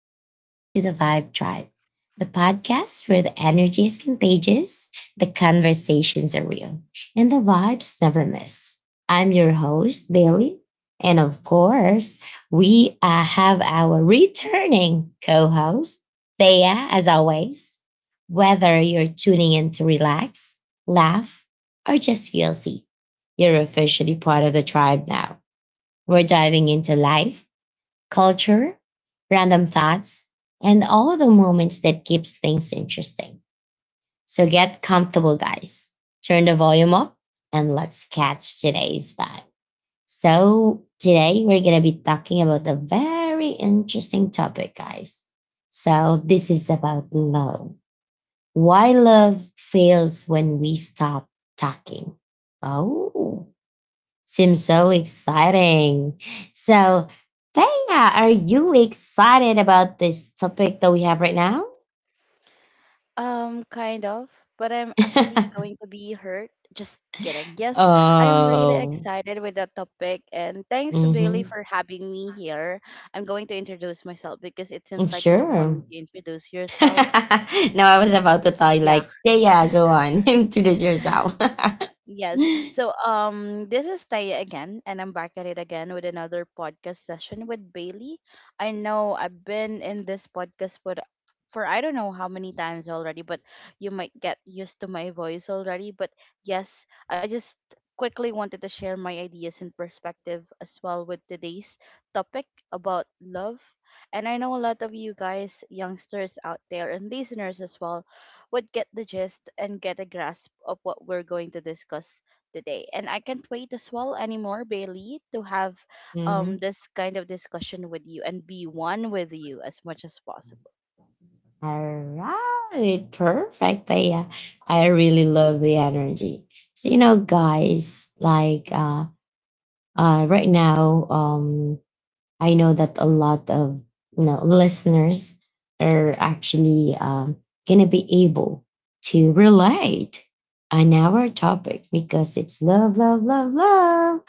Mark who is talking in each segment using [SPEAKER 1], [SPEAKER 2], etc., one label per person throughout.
[SPEAKER 1] Welcome to the Vibe Tribe, the podcast where the energy is contagious, the conversations are real, and the vibes never miss. I'm your host, Bailey. And of course, we have our returning co host, Thea, as always. Whether you're tuning in to relax, laugh, or just feel seen, you're officially part of the tribe now. We're diving into life culture, random thoughts, and all the moments that keeps things interesting. So get comfortable, guys. Turn the volume up and let's catch today's vibe. So today we're going to be talking about a very interesting topic, guys. So this is about love. Why love fails when we stop talking. Oh, seems so exciting. So, Thea, are you excited about this topic that we have right now?
[SPEAKER 2] Kind of, but I'm actually going to be hurt. Just kidding. Yes, I'm really
[SPEAKER 1] Oh,
[SPEAKER 2] excited with that topic, and thanks, Bailey,
[SPEAKER 1] mm-hmm.
[SPEAKER 2] for having me here. I'm going to introduce myself because it seems like you don't want
[SPEAKER 1] Sure.
[SPEAKER 2] me to introduce yourself.
[SPEAKER 1] No, I was
[SPEAKER 2] Just,
[SPEAKER 1] about to tell you,
[SPEAKER 2] yeah.
[SPEAKER 1] like, Thea, go on, introduce yourself.
[SPEAKER 2] Yes. So, this is Taya again, and I'm back at it again with another podcast session with Bailey. I know I've been in this podcast for I don't know how many times already, but you might get used to my voice already. But yes, I just quickly wanted to share my ideas and perspective as well with today's topic about love. And I know a lot of you guys, youngsters out there and listeners as well, would get the gist and get a grasp of what we're going to discuss today. And I can't wait as well anymore, Bailey, to have
[SPEAKER 1] Mhm.
[SPEAKER 2] this kind of discussion with you and be one with you as much as possible.
[SPEAKER 1] All right, perfect, Thea. I really love the energy. So, guys, like, right now, I know that a lot of listeners are actually going to be able to relate on our topic because it's love, love, love, love.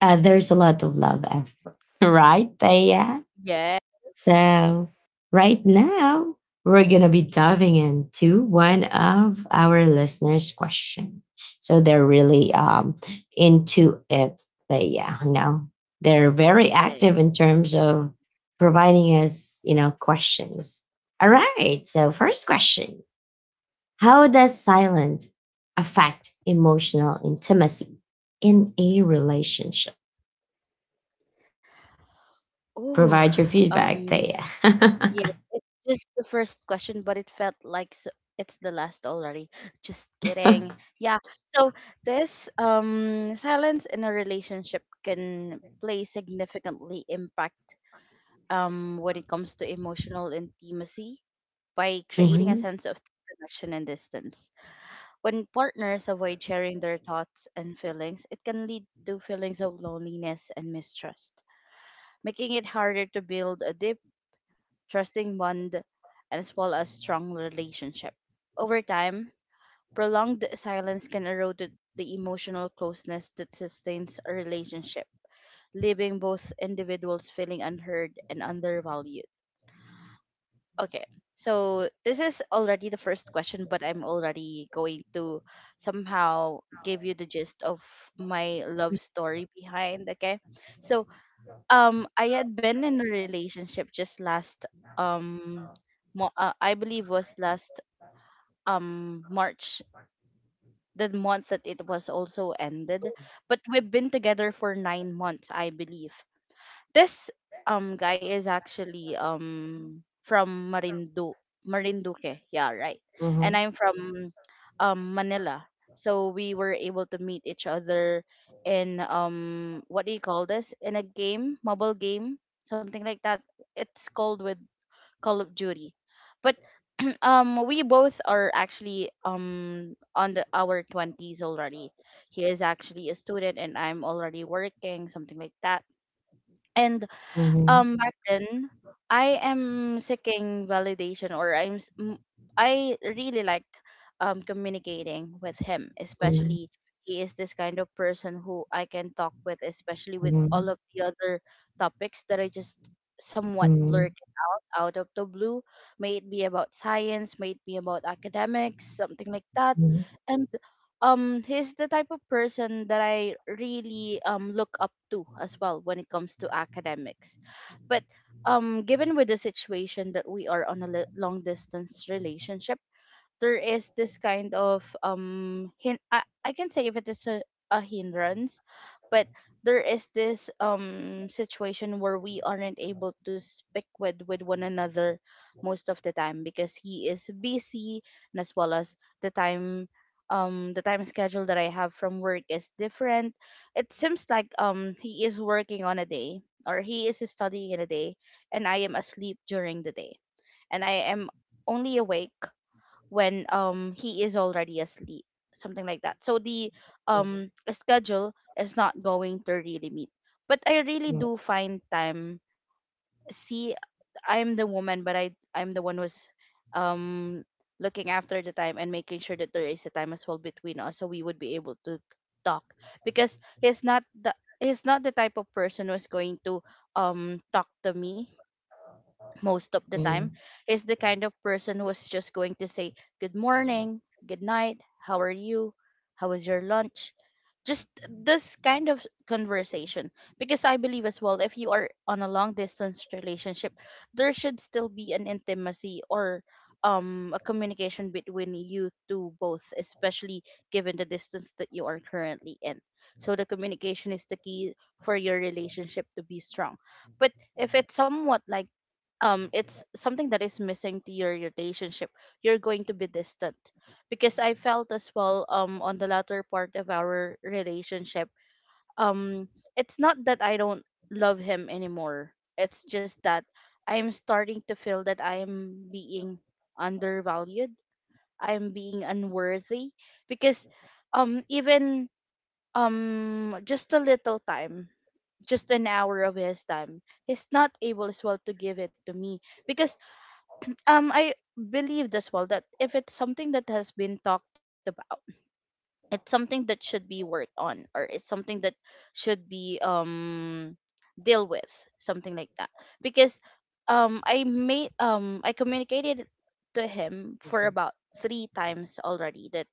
[SPEAKER 1] There's a lot of love, right, Thea?
[SPEAKER 2] Yes.
[SPEAKER 1] So, right now, we're going to be diving into one of our listeners' question. So, they're really into it. But yeah, no, they're very
[SPEAKER 2] Yes.
[SPEAKER 1] active in terms of providing us, questions. All right. So, first question. How does silence affect emotional intimacy in a relationship?
[SPEAKER 2] Ooh.
[SPEAKER 1] Provide your feedback,
[SPEAKER 2] Um
[SPEAKER 1] Thea.
[SPEAKER 2] Yeah, it's just the first question, but it felt like s it's the last already. Just kidding. Yeah. So, this silence in a relationship can play significantly impact when it comes to emotional intimacy by creating a
[SPEAKER 1] Mhm,
[SPEAKER 2] sense of disconnection and distance. When partners avoid sharing their thoughts and feelings, it can lead to feelings of loneliness and mistrust, making it harder to build a deep, trusting bond, and as well as strong relationship. Over time, prolonged silence can erode the emotional closeness that sustains a relationship, leaving both individuals feeling unheard and undervalued. Okay, so this is already the first question, but I'm already going to somehow give you the gist of my love story behind. Okay, so I had been in a relationship just last um I believe was last March, the month that it was also ended. But we've been together for 9 months, I believe. This guy is actually from Marinduque, yeah, right. And
[SPEAKER 1] mhm,
[SPEAKER 2] I'm from Manila. So we were able to meet each other in, what do you call this? In a game, mobile game, something like that. It's called with Call of Duty. But we both are actually on the our 20s already. He is actually a student and I'm already working, something like that. And
[SPEAKER 1] mhm.
[SPEAKER 2] back then, I am seeking validation, or I really like communicating with him,
[SPEAKER 1] Mhm,
[SPEAKER 2] especially. He is this kind of person who I can talk with, especially with all
[SPEAKER 1] mhm,
[SPEAKER 2] of the other topics that I just somewhat
[SPEAKER 1] mhm,
[SPEAKER 2] blurt out, out of the blue. May it be about science, may it be about academics, something like that.
[SPEAKER 1] mhm,
[SPEAKER 2] And he's the type of person that I really look up to as well when it comes to academics. But given with the situation that we are on a long distance relationship, there is this kind of I can say if it is a hindrance. But there is this situation where we aren't able to speak with one another most of the time because he is busy, and as well as the time the time schedule that I have from work is different. It seems like he is working on a day, or he is studying in a day, and I am asleep during the day, and I am only awake when he is already asleep, something like that. So the
[SPEAKER 1] mhm,
[SPEAKER 2] schedule is not going to really meet, but I really
[SPEAKER 1] mhm,
[SPEAKER 2] do find time. See, I'm the woman, but I'm the one who's um looking after the time and making sure that there is a time as well between us, so we would be able to talk, because he's not the, he's not the type of person who's going to talk to me most of the time.
[SPEAKER 1] mhm,
[SPEAKER 2] Is the kind of person who is just going to say good morning, good night, how are you, how was your lunch, just this kind of conversation. Because I believe as well, if you are on a long distance relationship, there should still be an intimacy or a communication between you two both, especially given the distance that you are currently in. So the communication is the key for your relationship to be strong. But if it's somewhat like, it's something that is missing to your relationship, you're going to be distant. Because I felt as well, on the latter part of our relationship, um it's not that I don't love him anymore. It's just that I'm starting to feel that I am being undervalued, I am being unworthy, because even just a little time, just an hour of his time, he's not able as well to give it to me. Because I believe as well that if it's something that has been talked about, it's something that should be worked on, or it's something that should be deal with, something like that. Because I communicated to him for about three times already that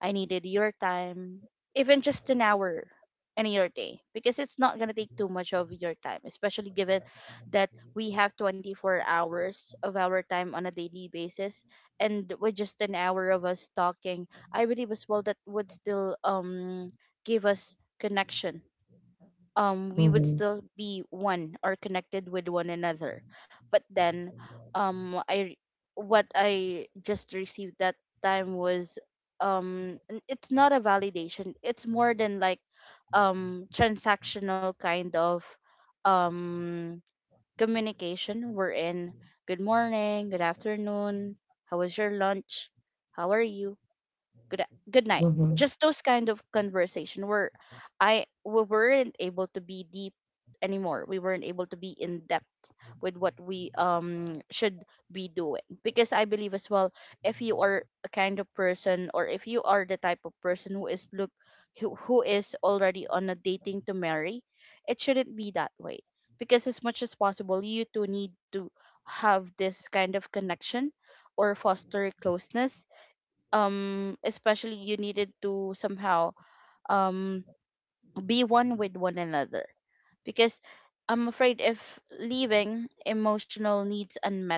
[SPEAKER 2] I needed your time, even just an hour in your day, because it's not going to take too much of your time, especially given that we have 24 hours of our time on a daily basis. And with just an hour of us talking, I believe as well that would still give us connection. We would
[SPEAKER 1] mhm,
[SPEAKER 2] still be one or connected with one another. But then, I what I just received that time was, it's not a validation. It's more than like transactional kind of um communication. We're in good morning, good afternoon, how was your lunch, how are you, good good night,
[SPEAKER 1] mhm,
[SPEAKER 2] just those kind of conversation where I we weren't able to be deep anymore, we weren't able to be in depth with what we should be doing. Because I believe as well, if you are a kind of person, or if you are the type of person who is who is already on a dating to marry, it shouldn't be that way. Because as much as possible, you two need to have this kind of connection or foster closeness, especially you needed to somehow um be one with one another. Because I'm afraid, if leaving emotional needs unmet,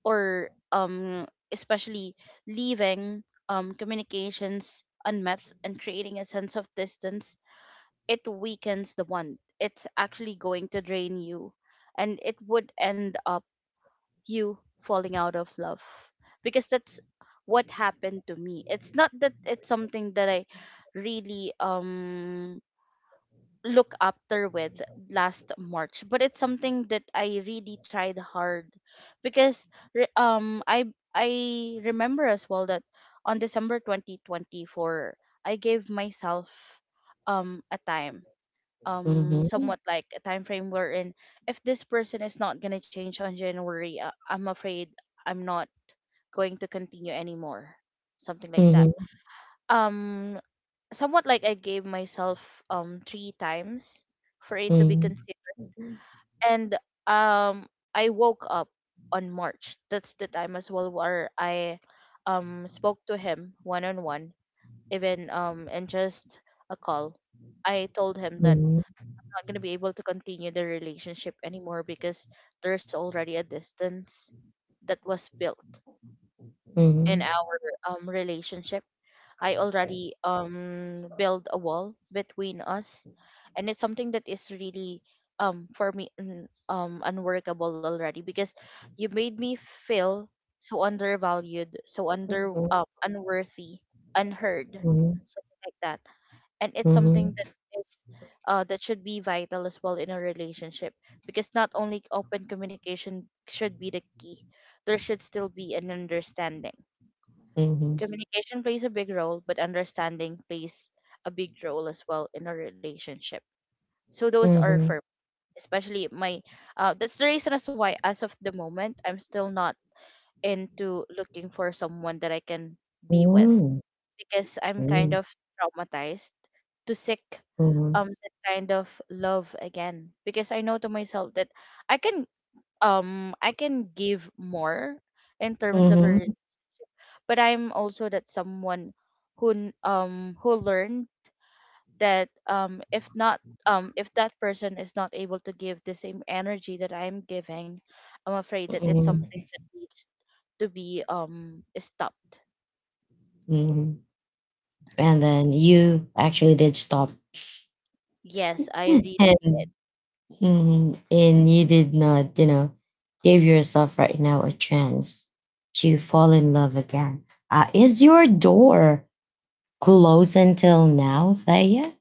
[SPEAKER 2] or especially leaving communications unmet and creating a sense of distance, it weakens the one. It's actually going to drain you, and it would end up you falling out of love. Because that's what happened to me. It's not that it's something that I really look after with last March, but it's something that I really tried hard. Because re- um I I remember as well that on December 2024, I gave myself a time,
[SPEAKER 1] mhm,
[SPEAKER 2] somewhat like a time frame, wherein if this person is not going to change on January, I'm afraid I'm not going to continue anymore. Something
[SPEAKER 1] mhm,
[SPEAKER 2] like
[SPEAKER 1] mhm,
[SPEAKER 2] that.
[SPEAKER 1] mhm,
[SPEAKER 2] Um Somewhat like, I gave myself three times for it to be considered. And I woke up on March. That's the time as well where I spoke to him one on one, even in just a call. I told him that
[SPEAKER 1] mhm, mhm,
[SPEAKER 2] not gonna be able to continue the relationship anymore, because there's already a distance that was built
[SPEAKER 1] mhm, mhm,
[SPEAKER 2] in
[SPEAKER 1] mhm,
[SPEAKER 2] our relationship. I already build a wall between us, and it's something that is really, for me, unworkable already, because you made me feel so undervalued, so under unworthy, unheard, something like that. And it's
[SPEAKER 1] mhm,
[SPEAKER 2] something that is, that should be vital as well in a relationship, because not only open communication should be the key. There should still be an understanding. Communication plays a big role, but understanding plays a big role as well in a relationship. So those
[SPEAKER 1] mhm,
[SPEAKER 2] are
[SPEAKER 1] mhm,
[SPEAKER 2] for, especially my, that's the reason as why, as of the moment, I'm still not into looking for someone that I can be with,
[SPEAKER 1] mhm,
[SPEAKER 2] because I'm kind of traumatized to seek that kind of love again. Because I know to myself that I can, give more in terms of a, but I'm also that someone who who learned that if not, if that person is not able to give the same energy that I'm giving, I'm afraid that it's something that needs to be stopped.
[SPEAKER 1] mhm. And then you actually did stop,
[SPEAKER 2] Yes, I really did.
[SPEAKER 1] and mhm, and you did not, you know, give yourself right now a chance to fall in love again. Is your door close until now, Thea?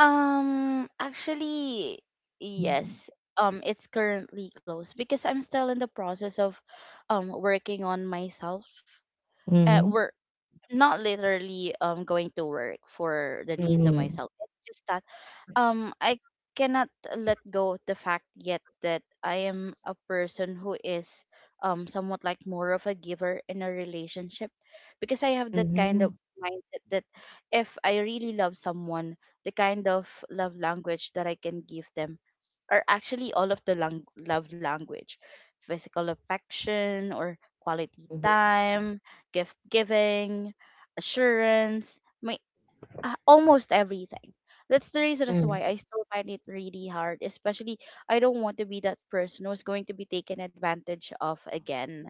[SPEAKER 2] Actually, yes. It's currently closed, because I'm still in the process of working on myself.
[SPEAKER 1] Mm-hmm.
[SPEAKER 2] Work, not literally going to work for the needs of
[SPEAKER 1] Mm-hmm.
[SPEAKER 2] myself. It's just that I cannot let go of the fact yet that I am a person who is somewhat like more of a giver in a relationship because I have that kind
[SPEAKER 1] Mm-hmm.
[SPEAKER 2] of mindset that if I really love someone, the kind of love language that I can give them are actually all of the love language, physical affection or quality
[SPEAKER 1] Mm-hmm.
[SPEAKER 2] time, gift giving, assurance, almost everything. That's the reason as to why I still find it really hard, especially I don't want to be that person who's going to be taken advantage of again.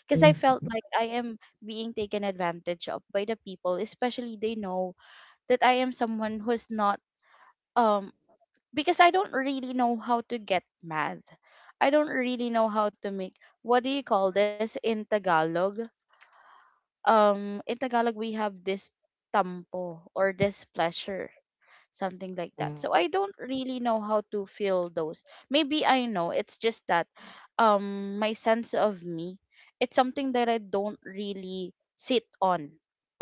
[SPEAKER 2] Because I felt
[SPEAKER 1] Mm-hmm.
[SPEAKER 2] like I am being taken advantage of by the people, especially they know that I am someone who's not, um, because I don't really know how to get mad. I don't really know how to make, what do you call this in Tagalog? In Tagalog we have this tampo or this pleasure, something like that, so I don't really know how to feel those. Maybe I know, it's just that my sense of me, it's something that I don't really sit on,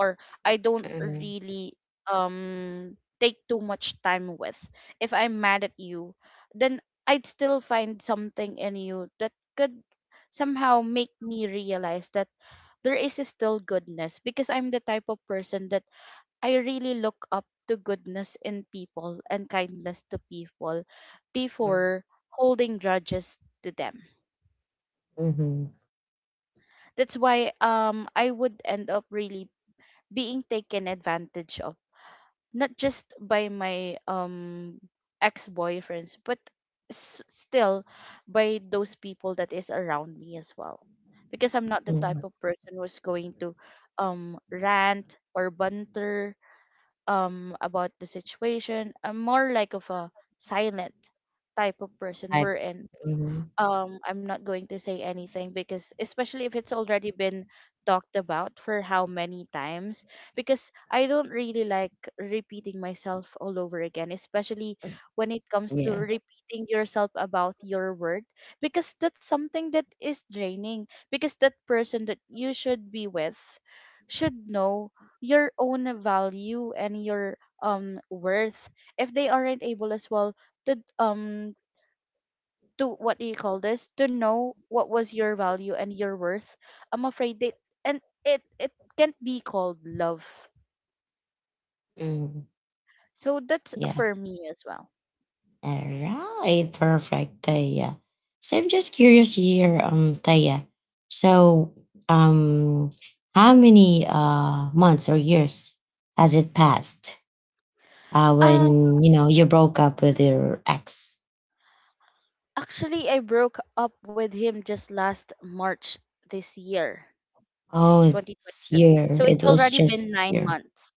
[SPEAKER 2] or I don't really take too much time with. If I'm mad at you, then I'd still find something in you that could somehow make me realize that there is still goodness, because I'm the type of person that I really look up to goodness in people and kindness to people before holding grudges to them.
[SPEAKER 1] Mm-hmm.
[SPEAKER 2] That's why I would end up really being taken advantage of, not just by my ex-boyfriends but still by those people that is around me as well, because I'm not the type
[SPEAKER 1] Mm-hmm.
[SPEAKER 2] of person who's going to rant or banter about the situation. I'm more like of a silent type of person.
[SPEAKER 1] I,
[SPEAKER 2] We're in,
[SPEAKER 1] mm-hmm.
[SPEAKER 2] I'm not going to say anything, because especially if it's already been talked about for how many times, because I don't really like repeating myself all over again, especially when it comes to
[SPEAKER 1] Yeah.
[SPEAKER 2] repeating yourself about your word, because that's something that is draining, because that person that you should be with should know your own value and your worth. If they aren't able as well to to, what do you call this, to know what was your value and your worth, I'm afraid that, and it can't be called love,
[SPEAKER 1] Mm-hmm.
[SPEAKER 2] so that's
[SPEAKER 1] Yeah.
[SPEAKER 2] for me as well.
[SPEAKER 1] All right. Perfect, Taya. So I'm just curious here, Taya. So, um, how many months or years has it passed
[SPEAKER 2] uh
[SPEAKER 1] when you know you broke up with your ex?
[SPEAKER 2] Actually, I broke up with him just last March, this year,
[SPEAKER 1] Oh, this
[SPEAKER 2] 2025,
[SPEAKER 1] year.
[SPEAKER 2] so it's
[SPEAKER 1] It was
[SPEAKER 2] already
[SPEAKER 1] just
[SPEAKER 2] been
[SPEAKER 1] this
[SPEAKER 2] nine
[SPEAKER 1] year.
[SPEAKER 2] months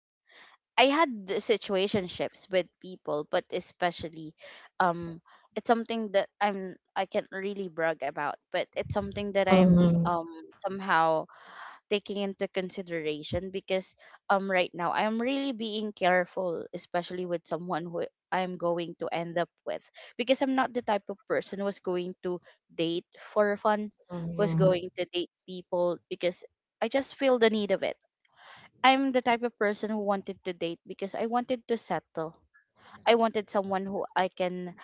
[SPEAKER 2] I had the situationships with people, but especially, um it's something that I can't really brag about, but it's something that I'm
[SPEAKER 1] Mm-hmm.
[SPEAKER 2] somehow taking into consideration, because right now I'm really being careful, especially with someone who I'm going to end up with, because I'm not the type of person who's going to date for fun, who's
[SPEAKER 1] Mm-hmm.
[SPEAKER 2] going to date people because I just feel the need of it. I'm the type of person who wanted to date because I wanted to settle. I wanted someone who I can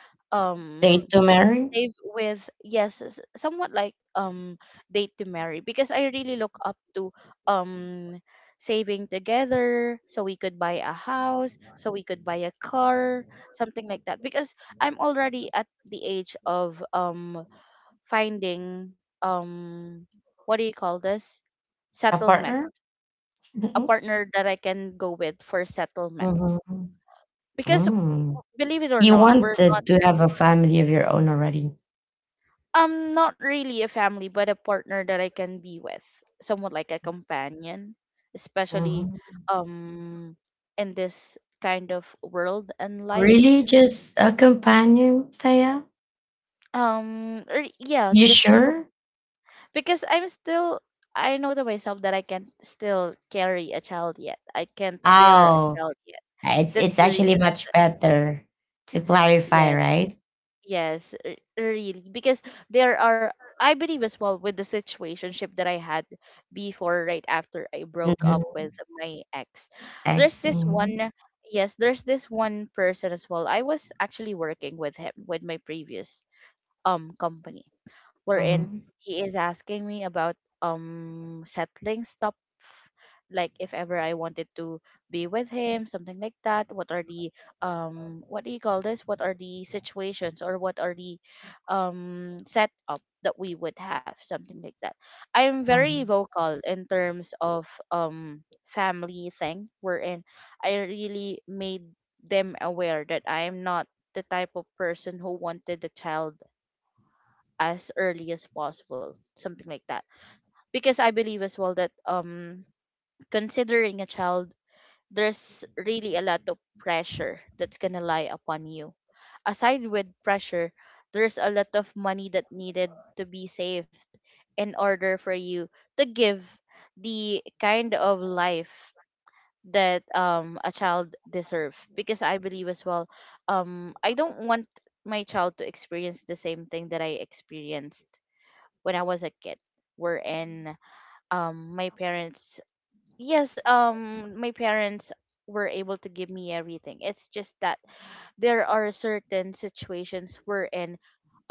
[SPEAKER 1] They
[SPEAKER 2] um
[SPEAKER 1] to marry
[SPEAKER 2] save with, yes, somewhat like, date to marry, because I really look up to um saving together, so we could buy a house, so we could buy a car, something like that, because I'm already at the age of finding um what do you call this,
[SPEAKER 1] a
[SPEAKER 2] settlement,
[SPEAKER 1] partner?
[SPEAKER 2] a partner that I can go with for settlement,
[SPEAKER 1] Mm-hmm.
[SPEAKER 2] because
[SPEAKER 1] Mm.
[SPEAKER 2] believe it or
[SPEAKER 1] You
[SPEAKER 2] not, we're,
[SPEAKER 1] wanted to have a family of your own already.
[SPEAKER 2] um, not really a family, but a partner that I can be with, somewhat like a companion, especially
[SPEAKER 1] Hmm.
[SPEAKER 2] um in this kind of world and life.
[SPEAKER 1] Really? Just a companion, Taya?
[SPEAKER 2] Or yeah,
[SPEAKER 1] You
[SPEAKER 2] just a
[SPEAKER 1] sure?
[SPEAKER 2] because I'm still, I know to myself that I can't still carry a child yet. I can't bear a
[SPEAKER 1] Oh,
[SPEAKER 2] child yet. That's
[SPEAKER 1] it's
[SPEAKER 2] the
[SPEAKER 1] actually
[SPEAKER 2] reason as
[SPEAKER 1] much
[SPEAKER 2] to,
[SPEAKER 1] better to clarify,
[SPEAKER 2] yes.
[SPEAKER 1] right?
[SPEAKER 2] Yes, really. Because there are, I believe as well, with the situationship that I had before, right after I broke up
[SPEAKER 1] Mm-hmm.
[SPEAKER 2] with my ex. There's this
[SPEAKER 1] Excellent.
[SPEAKER 2] one, yes, there's this one person as well. I was actually working with him, with my previous company, wherein
[SPEAKER 1] Mm-hmm.
[SPEAKER 2] he is asking me about settling stuff, like if ever I wanted to be with him, something like that. What are the what do you call this? What are the situations, or what are the setup that we would have, something like that. I'm very vocal in terms of family thing, wherein I really made them aware that I am not the type of person who wanted the child as early as possible, something like that, because I believe as well that considering a child, there's really a lot of pressure that's gonna lie upon you. Aside with pressure, there's a lot of money that needed to be saved in order for you to give the kind of life that a child deserve, because I believe as well, I don't want my child to experience the same thing that I experienced when I was a kid, wherein my parents, yes, my parents were able to give me everything. It's just that there are certain situations wherein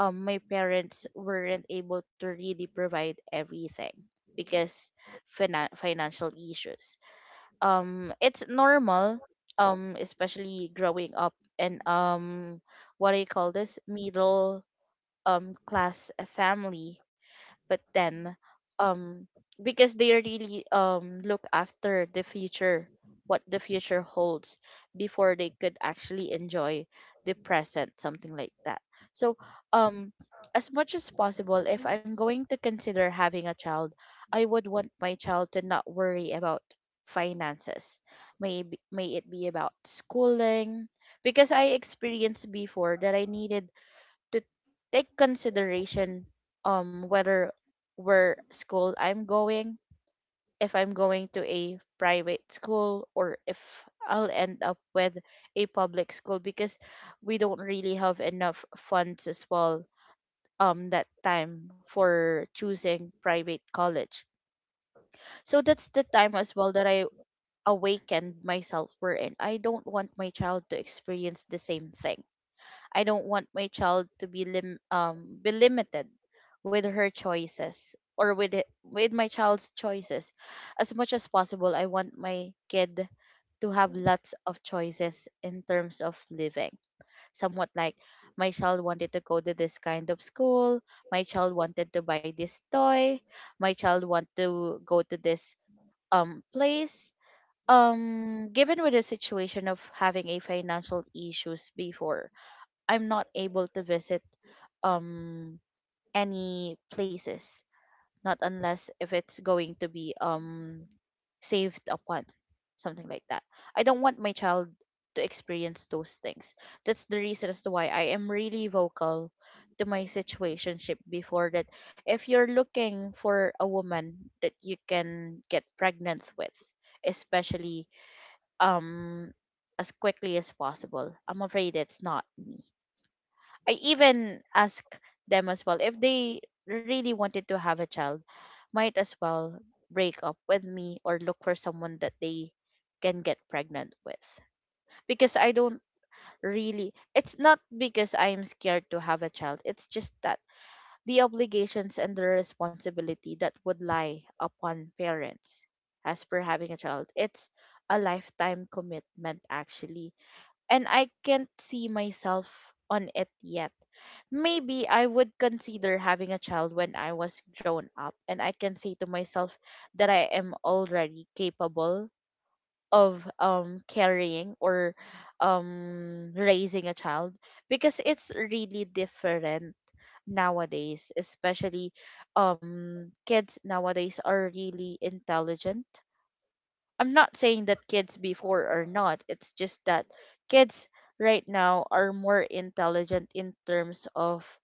[SPEAKER 2] my parents weren't able to really provide everything because financial issues. It's normal, especially growing up, and what do you call this, middle class family. But then um because they really look after the future, what the future holds, before they could actually enjoy the present, something like that. So um as much as possible, if I'm going to consider having a child, I would want my child to not worry about finances, may it be about schooling, because I experienced before that I needed to take consideration whether where school I'm going, if I'm going to a private school, or if I'll end up with a public school, because we don't really have enough funds as well that time for choosing private college. So that's the time as well that I awakened myself, wherein I don't want my child to experience the same thing. I don't want my child to be be limited with her choices, or with it, with my child's choices. As much as possible, I want my kid to have lots of choices in terms of living. Somewhat like my child wanted to go to this kind of school, my child wanted to buy this toy, my child want to go to this place. Given with the situation of having a financial issues before, I'm not able to visit um any places, not unless if it's going to be saved upon, something like that. I don't want my child to experience those things. That's the reason as to why I am really vocal to my situationship before, that if you're looking for a woman that you can get pregnant with, especially um as quickly as possible, I'm afraid it's not me. I even ask them as well, if they really wanted to have a child, might as well break up with me, or look for someone that they can get pregnant with. Because I don't really, it's not because I'm scared to have a child, it's just that the obligations and the responsibility that would lie upon parents as per having a child, it's a lifetime commitment actually. And I can't see myself on it yet. Maybe I would consider having a child when I was grown up and I can say to myself that I am already capable of carrying, or raising a child, because it's really different nowadays, especially kids nowadays are really intelligent. I'm not saying that kids before are not, it's just that kids right now are more intelligent in terms of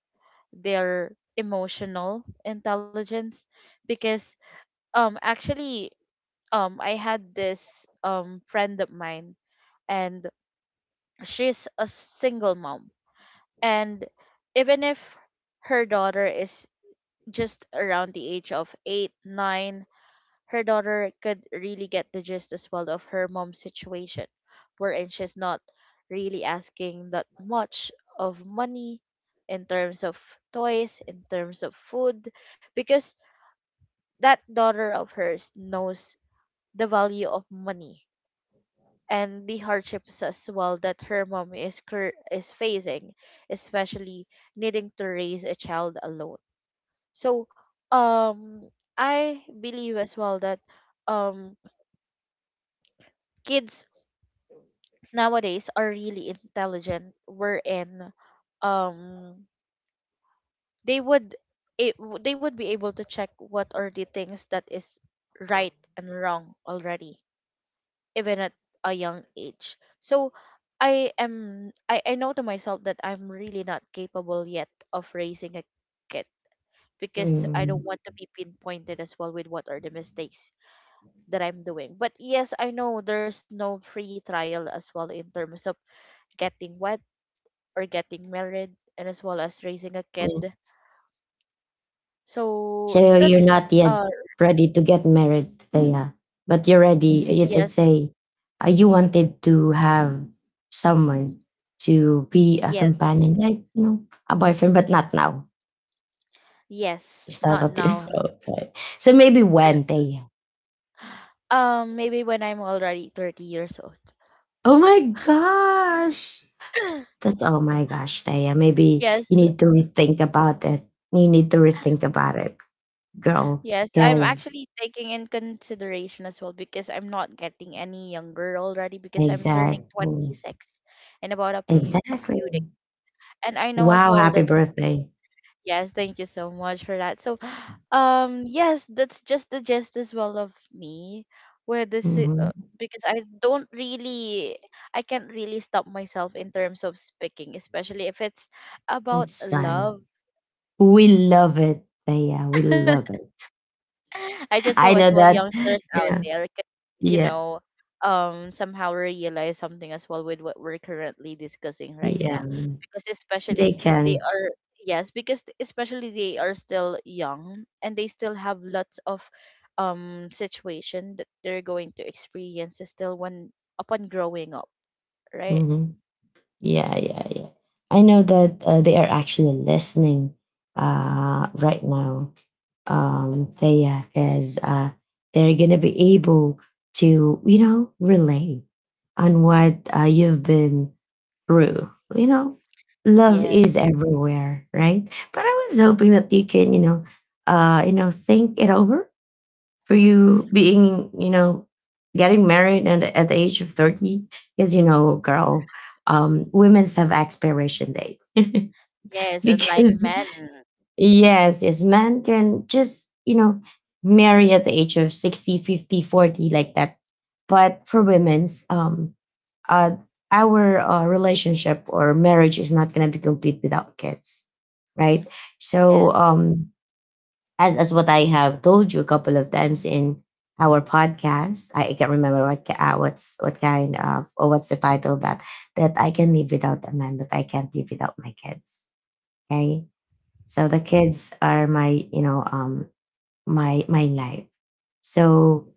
[SPEAKER 2] their emotional intelligence, because actually, I had this friend of mine, and she's a single mom, and even if her daughter is just around the age of 8 9, her daughter could really get the gist as well of her mom's situation, wherein she's not really asking that much of money in terms of toys, in terms of food, because that daughter of hers knows the value of money, and the hardships as well that her mom is is facing, especially needing to raise a child alone. So, um, I believe as well that um kids nowadays are really intelligent. Wherein, um, they would, it, they would be able to check what are the things that is right and wrong already, even at a young age. So I know to myself that I'm really not capable yet of raising a kid, because I don't
[SPEAKER 1] Mm-hmm.
[SPEAKER 2] want to be pinpointed as well with what are the mistakes that I'm doing. But yes, I know there's no free trial as well in terms of getting wed, or getting married, and as well as raising a
[SPEAKER 1] Mm.
[SPEAKER 2] kid. So
[SPEAKER 1] So you're
[SPEAKER 2] that's
[SPEAKER 1] not yet
[SPEAKER 2] uh
[SPEAKER 1] ready to get married, yeah. But you're ready.
[SPEAKER 2] yes,
[SPEAKER 1] Let's say you wanted to have someone to be a
[SPEAKER 2] yes,
[SPEAKER 1] companion, like you know, a boyfriend, but not now.
[SPEAKER 2] yes,
[SPEAKER 1] Is that
[SPEAKER 2] not
[SPEAKER 1] what you?
[SPEAKER 2] now.
[SPEAKER 1] Okay. So maybe when Taya.
[SPEAKER 2] Maybe when I'm already 30 years old.
[SPEAKER 1] Oh my gosh. That's oh my gosh, Taya. Maybe
[SPEAKER 2] Yes,
[SPEAKER 1] you need to rethink about it. You need to rethink about it, girl.
[SPEAKER 2] yes. I'm
[SPEAKER 1] Because
[SPEAKER 2] actually taking in consideration as well, because I'm not getting any younger already, because I'm turning
[SPEAKER 1] exactly,
[SPEAKER 2] 26 in about a a
[SPEAKER 1] exactly.
[SPEAKER 2] few days. And I know as
[SPEAKER 1] Wow,
[SPEAKER 2] well
[SPEAKER 1] happy
[SPEAKER 2] that
[SPEAKER 1] birthday.
[SPEAKER 2] yes, thank you so much for that. So, yes, that's just the gist as well of me where this i- uh,
[SPEAKER 1] Mhm.
[SPEAKER 2] because I don't really I can't really stop myself in terms of speaking, especially if it's about
[SPEAKER 1] That's fun.
[SPEAKER 2] love.
[SPEAKER 1] We love it. Yeah, we love it.
[SPEAKER 2] I just hope
[SPEAKER 1] I
[SPEAKER 2] as
[SPEAKER 1] know
[SPEAKER 2] well
[SPEAKER 1] that.
[SPEAKER 2] youngsters out
[SPEAKER 1] Yeah,
[SPEAKER 2] there can, you
[SPEAKER 1] yeah,
[SPEAKER 2] know, somehow realize something as well with what we're currently discussing right
[SPEAKER 1] yeah.
[SPEAKER 2] now, because
[SPEAKER 1] They
[SPEAKER 2] especially they
[SPEAKER 1] can.
[SPEAKER 2] are yes, because especially they are still young and they still have lots of situation that they're going to experience still when upon growing up, right?
[SPEAKER 1] Hmm. Yeah, yeah, yeah. I know that they are actually listening right now. Thea, because they're gonna be able to, you know, relate on what you've been true. You know, love
[SPEAKER 2] Yes,
[SPEAKER 1] is everywhere, right? But I was hoping that you can, you know, think it over for you being, you know, getting married and at the age of 30 because you know, girl, women's have expiration date.
[SPEAKER 2] yes, and like
[SPEAKER 1] Because
[SPEAKER 2] men,
[SPEAKER 1] yes, yes, men can just, you know, marry at the age of 60, 50, 40, like that. But for women's, uh, our relationship or marriage is not going to be complete without kids, right? So
[SPEAKER 2] yes,
[SPEAKER 1] as what I have told you a couple of times in our podcast, I can't remember what what's what kind of or what's the title of that, that I can live without a man but I can't live without my kids. Okay, so the kids are my you know my my life. So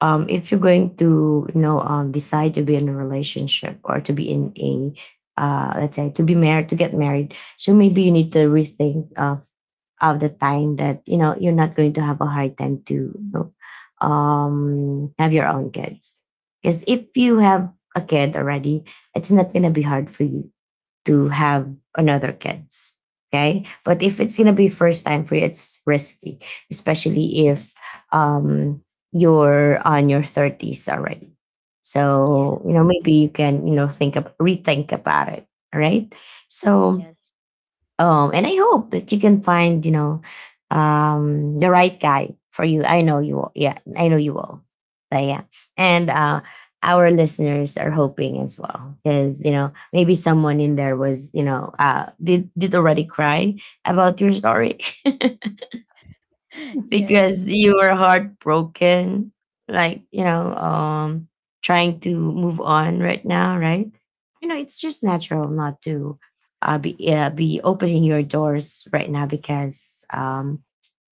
[SPEAKER 1] if you're going to you know decide to be in a relationship or to be in a let's say to be married to get married, so maybe you need to rethink of the time that you know you're not going to have a hard time to you know, have your own kids because if you have a kid already, it's not gonna be hard for you to have another kids. Okay. But if it's gonna be first time for you, it's risky, especially if um you're on your 30s already. So, you know,
[SPEAKER 2] yes,
[SPEAKER 1] maybe you can, you know, think of rethink about it. All right. So
[SPEAKER 2] yes,
[SPEAKER 1] and I hope that you can find, you know, the right guy for you. I know you will. Yeah, I know you will. But yeah, and our listeners are hoping as well, because you know maybe someone in there was, you know, did already cry about your story.
[SPEAKER 2] yes,
[SPEAKER 1] Because you were heartbroken, like, you know, trying to move on right now, right? You know, it's just natural not to be opening your doors right now because,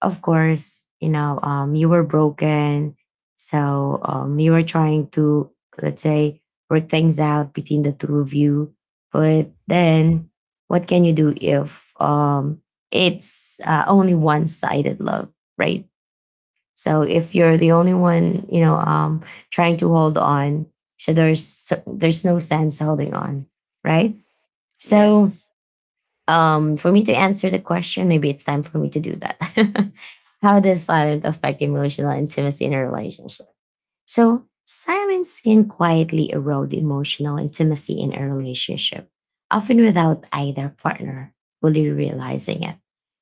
[SPEAKER 1] of course, you know, you were broken, so you were trying to, let's say, work things out between the two of you. But then, what can you do if it's only one sided love, right? So if you're the only one, you know, trying to hold on, so there's no sense holding on, right? So
[SPEAKER 2] yes,
[SPEAKER 1] for me to answer the question, maybe it's time for me to do that. How does silence affect emotional intimacy in a relationship? So silence can quietly erode emotional intimacy in a relationship, often without either partner fully realizing it.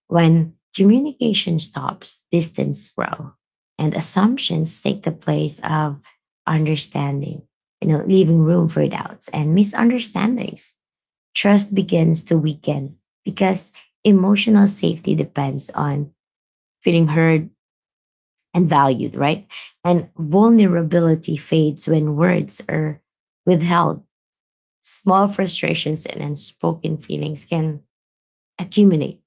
[SPEAKER 1] When communication stops, distance grows, and assumptions take the place of understanding, you know, leaving room for doubts and misunderstandings. Trust begins to weaken because emotional safety depends on feeling heard and valued, right? And vulnerability fades when words are withheld. Small frustrations and unspoken feelings can accumulate,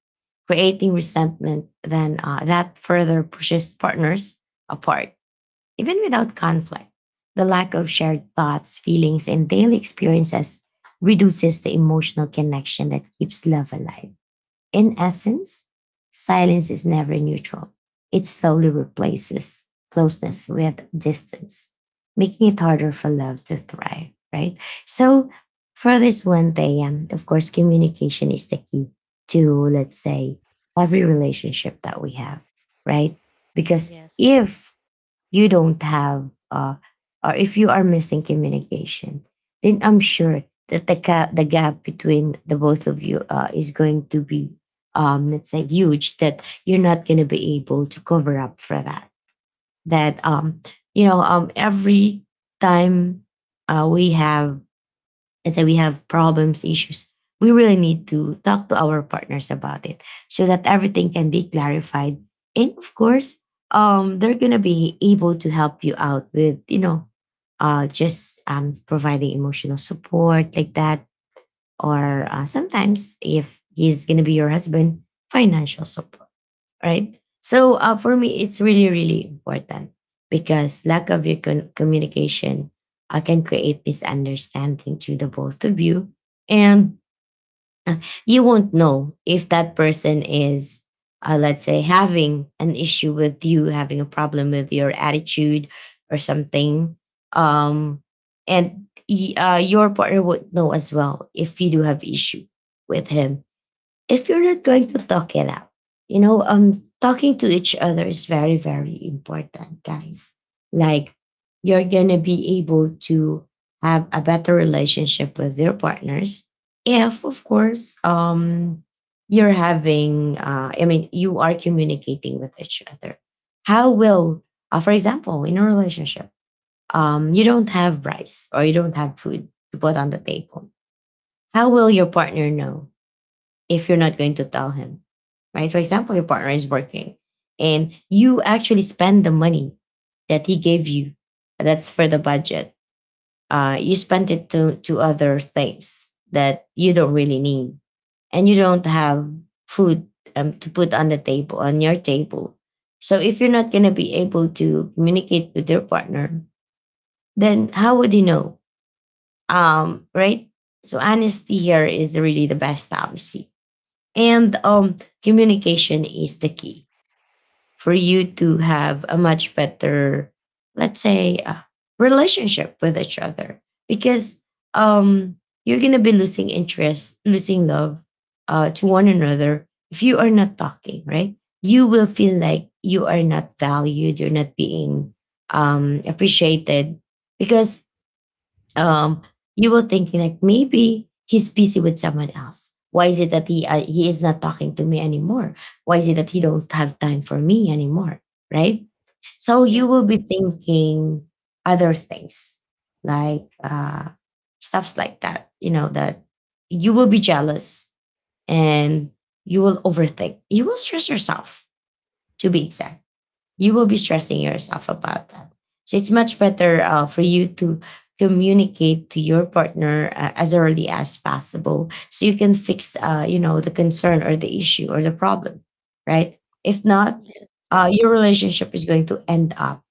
[SPEAKER 1] creating resentment then that further pushes partners apart, even without conflict. The lack of shared thoughts, feelings, and daily experiences reduces the emotional connection that keeps love alive. In essence, silence is never neutral. It slowly replaces closeness with distance, making it harder for love to thrive, right? So, for this one day, of course, communication is the key to, let's say, every relationship that we have, right? Because
[SPEAKER 2] yes.
[SPEAKER 1] if you don't have or if you are missing communication then I'm sure that the, the gap between the both of you is going to be let's say huge that you're not going to be able to cover up for that that you know every time we have let's say we have problems, issues, we really need to talk to our partners about it so that everything can be clarified. And of course, they're gonna be able to help you out with, you know, just providing emotional support like that, or sometimes if he's gonna be your husband, financial support, right? So for me, it's really, really important because lack of your communication can create misunderstanding to the both of you. And uh, you won't know if that person is, let's say, having an issue with you, having a problem with your attitude or something. Um, and your partner would know as well if you do have issue with him if you're not going to talk it out, you know, talking to each other is very, very important, guys. Like, you're going to be able to have a better relationship with your partners if, of course, you're having, I mean, you are communicating with each other. How will, for example, in a relationship, you don't have rice or you don't have food to put on the table. How will your partner know if you're not going to tell him, right? For example, your partner is working and you actually spend the money that he gave you, that's for the budget. You spend it to other things that you don't really need and you don't have food to put on the table, on your table. So if you're not going to be able to communicate with your partner, then how would you know? Right? So honesty here is really the best policy. And communication is the key for you to have a much better, let's say, relationship with each other because um, you're going to be losing interest, losing love to one another if you are not talking, right? You will feel like you are not valued, you're not being appreciated because um, you were thinking like maybe he's busy with someone else. Why is it that he is not talking to me anymore? Why is it that he don't have time for me anymore? Right? So you will be
[SPEAKER 2] Yes,
[SPEAKER 1] thinking other things like stuffs like that. You know that you will be jealous and you will overthink. You will stress yourself to be exact you will be stressing yourself about that. So it's much better for you to communicate to your partner as early as possible, so you can fix, you know, the concern or the issue or the problem, right? If not,
[SPEAKER 2] yes,
[SPEAKER 1] your relationship is going to end up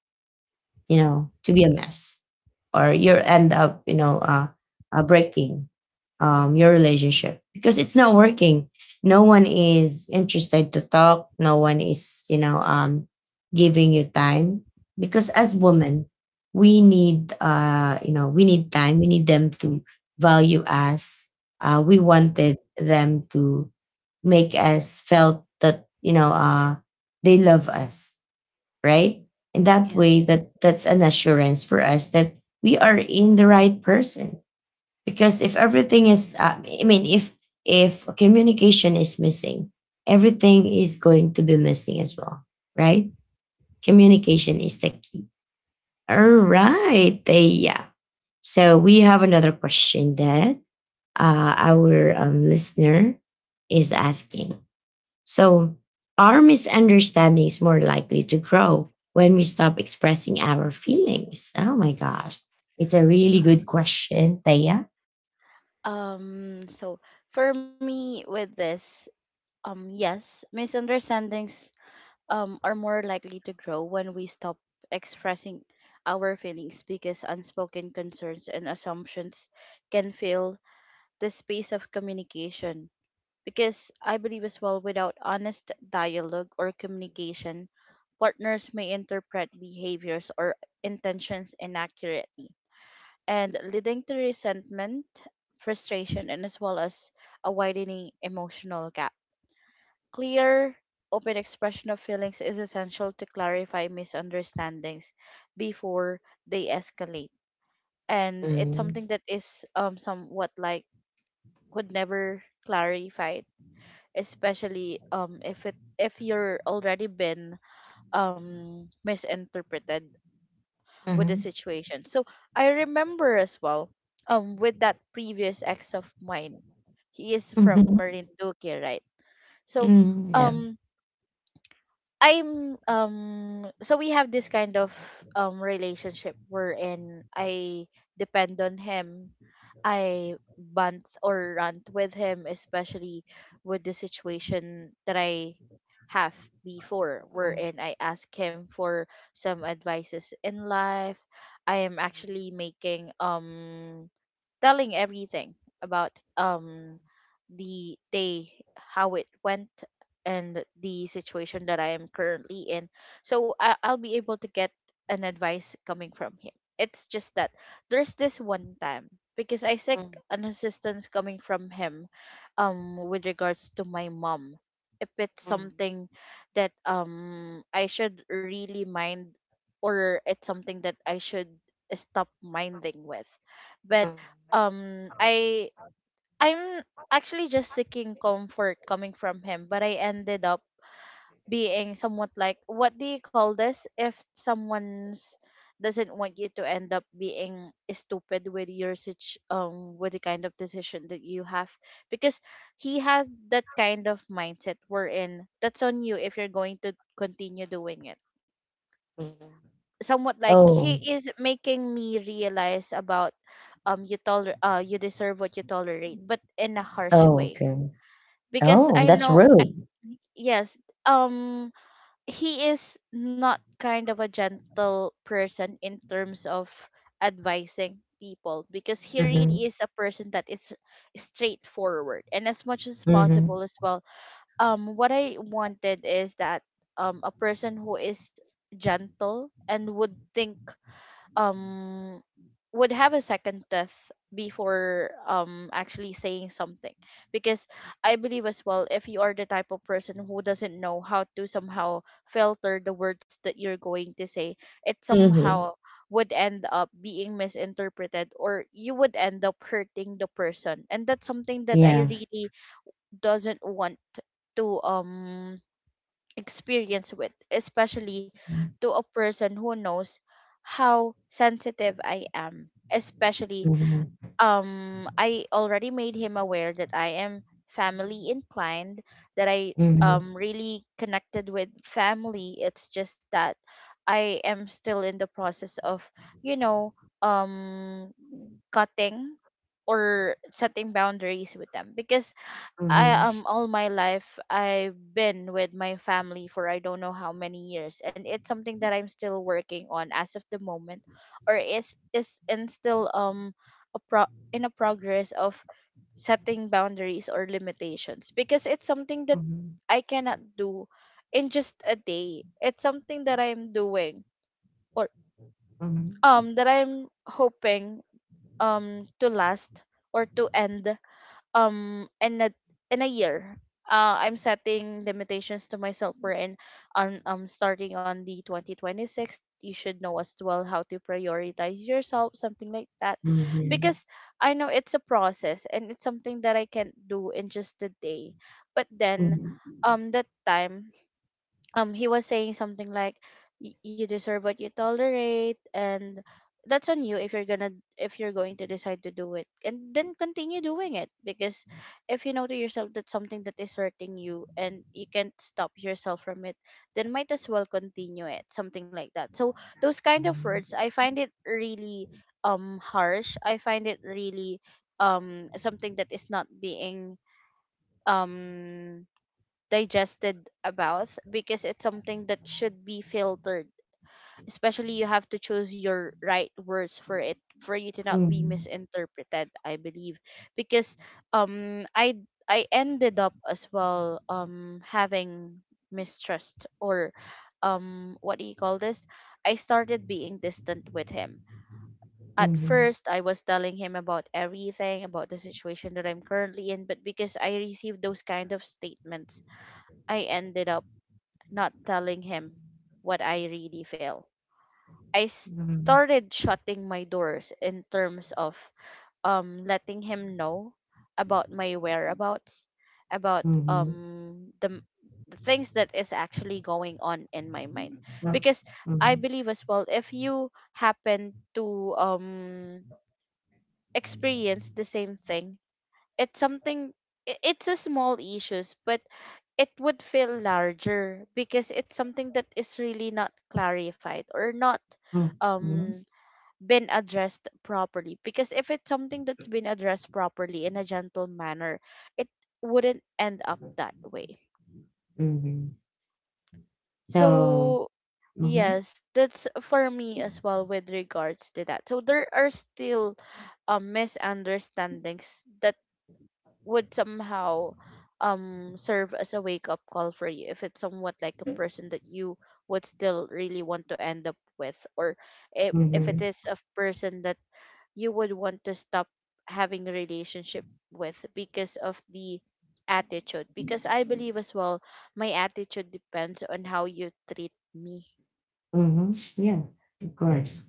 [SPEAKER 1] you know, to be a mess, or you end up, you know, breaking your relationship because it's not working. No one is interested to talk. No one is, you know, giving you time because as women, we need, you know, we need time. We need them to value us. We wanted them to make us felt that they love us right? In that way,
[SPEAKER 2] yes.
[SPEAKER 1] that that's an assurance for us that we are in the right person. Because if everything is, if communication is missing, everything is going to be missing as well, right? Communication is the key. All right, yeah. So we have another question that our listener is asking. So our misunderstandings more likely to grow when we stop expressing our feelings. Oh my gosh. It's a really good question, Taya.
[SPEAKER 2] So for me with this, yes, misunderstandings are more likely to grow when we stop expressing our feelings because unspoken concerns and assumptions can fill the space of communication. Because I believe as well, without honest dialogue or communication, partners may interpret behaviors or intentions inaccurately and leading to resentment, frustration, and as well as a widening emotional gap. Clear, open expression of feelings is essential to clarify misunderstandings before they escalate. And it's
[SPEAKER 1] Mm.
[SPEAKER 2] something that is somewhat like could never clarified, especially if you're already been misinterpreted with the
[SPEAKER 1] Mhm.
[SPEAKER 2] situation. So I remember as well, with that previous ex of mine, he is from
[SPEAKER 1] Mhm.
[SPEAKER 2] Marinduque, right? So,
[SPEAKER 1] Mm, yeah.
[SPEAKER 2] um, I'm so we have this kind of relationship wherein I depend on him. I bunt or rant with him, especially with the situation that I have before, wherein I ask him for some advices in life. I am actually making telling everything about the day, how it went, and the situation that I am currently in. So I'll be able to get an advice coming from him. It's just that there's this one time because I seek an assistance coming from him with regards to my mom. If it's something that I should really mind or it's something that I should stop minding with. But um, I'm actually just seeking comfort coming from him, but I ended up being somewhat like, what do you call this, if someone's doesn't want you to end up being stupid with your such with the kind of decision that you have, because he had that kind of mindset wherein that's on you if you're going to continue doing it. Somewhat like he
[SPEAKER 1] Oh.
[SPEAKER 2] is making me realize about you deserve what you tolerate, but in a harsh
[SPEAKER 1] Oh,
[SPEAKER 2] way,
[SPEAKER 1] okay.
[SPEAKER 2] because
[SPEAKER 1] Oh,
[SPEAKER 2] I
[SPEAKER 1] that's
[SPEAKER 2] know.
[SPEAKER 1] rude.
[SPEAKER 2] Yes, um he is not kind of a gentle person in terms of advising people because he
[SPEAKER 1] Mm-hmm.
[SPEAKER 2] really is a person that is straightforward, and as much as possible
[SPEAKER 1] Mm-hmm.
[SPEAKER 2] as well, what I wanted is that a person who is gentle and would think, um would have a second test before actually saying something. Because I believe as well, if you are the type of person who doesn't know how to somehow filter the words that you're going to say, it
[SPEAKER 1] Mm-hmm.
[SPEAKER 2] somehow would end up being misinterpreted, or you would end up hurting the person, and that's something that I
[SPEAKER 1] Yeah.
[SPEAKER 2] really doesn't want to experience with, especially to a person who knows how sensitive I am. Especially,
[SPEAKER 1] Mm-hmm.
[SPEAKER 2] I already made him aware that I am family inclined, that I
[SPEAKER 1] Mm-hmm.
[SPEAKER 2] really connected with family. It's just that I am still in the process of, you know, um, cutting or setting boundaries with them, because I
[SPEAKER 1] Mm-hmm.
[SPEAKER 2] all my life I've been with my family for I don't know how many years, and it's something that I'm still working on as of the moment, or is in still a pro in a progress of setting boundaries or limitations, because it's something that I cannot do in just a day. It's something that I'm doing, or
[SPEAKER 1] Mm-hmm.
[SPEAKER 2] that I'm hoping to last or to end um in a in a year. I'm setting limitations to myself wherein on starting on the 2026 you should know as well how to prioritize yourself, something like that,
[SPEAKER 1] Mm-hmm.
[SPEAKER 2] because I know it's a process and it's something that I can not do in just a day. But then,
[SPEAKER 1] Mm-hmm.
[SPEAKER 2] that time, he was saying something like, You deserve what you tolerate, and that's on you if you're gonna if you're going to decide to do it and then continue doing it, because if you know to yourself that something that is hurting you and you can't stop yourself from it, then might as well continue it," something like that. So those kind of words, I find it really harsh. I find it really something that is not being um digested about, because it's something that should be filtered. Especially you have to choose your right words for it, for you to not be
[SPEAKER 1] Mm-hmm.
[SPEAKER 2] misinterpreted, I believe. Because um, I ended up as well having mistrust, or what do you call this? I started being distant with him. At
[SPEAKER 1] Mm-hmm.
[SPEAKER 2] first, I was telling him about everything, about the situation that I'm currently in, but because I received those kind of statements, I ended up not telling him what I really feel. I
[SPEAKER 1] Mhm.
[SPEAKER 2] started shutting my doors in terms of letting him know about my whereabouts, about
[SPEAKER 1] Mhm.
[SPEAKER 2] the things that is actually going on in my mind,
[SPEAKER 1] Yep.
[SPEAKER 2] because I
[SPEAKER 1] Mhm.
[SPEAKER 2] believe as well, if you happen to experience the same thing, it's something, it's a small issues, but it would feel larger, because it's something that is really not clarified or not
[SPEAKER 1] Mm. Mhm.
[SPEAKER 2] um been addressed properly. Because if it's something that's been addressed properly in a gentle manner, it wouldn't end up that way.
[SPEAKER 1] Mhm. So
[SPEAKER 2] So
[SPEAKER 1] mhm,
[SPEAKER 2] yes, that's for me as well with regards to that. So there are still misunderstandings that would somehow serve as a wake up call for you, if it's somewhat like a person that you would still really want to end up with, or if it
[SPEAKER 1] mhm,
[SPEAKER 2] is a person that you would want to stop having a relationship with because of the attitude, because I believe as well, my attitude depends on how you treat me.
[SPEAKER 1] mhm, yeah, of course.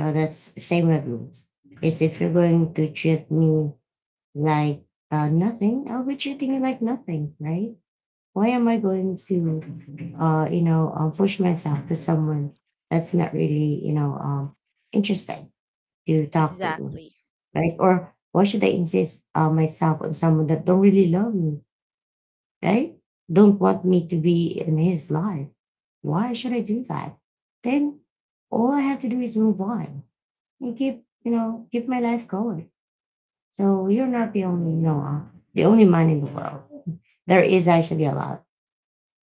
[SPEAKER 1] So that's same with me. Because if you're going to treat me like nothing, I'll be treating you like nothing, right? Why am I going to, push myself to someone that's not really, interested to talk to me,
[SPEAKER 2] Exactly.
[SPEAKER 1] right? Or why should I insist myself on someone that don't really love me? Right? Don't want me to be in his life. Why should I do that? Then all I have to do is move on and keep, you know, keep my life going. So you're not the only, the only man in the world. There is actually a lot,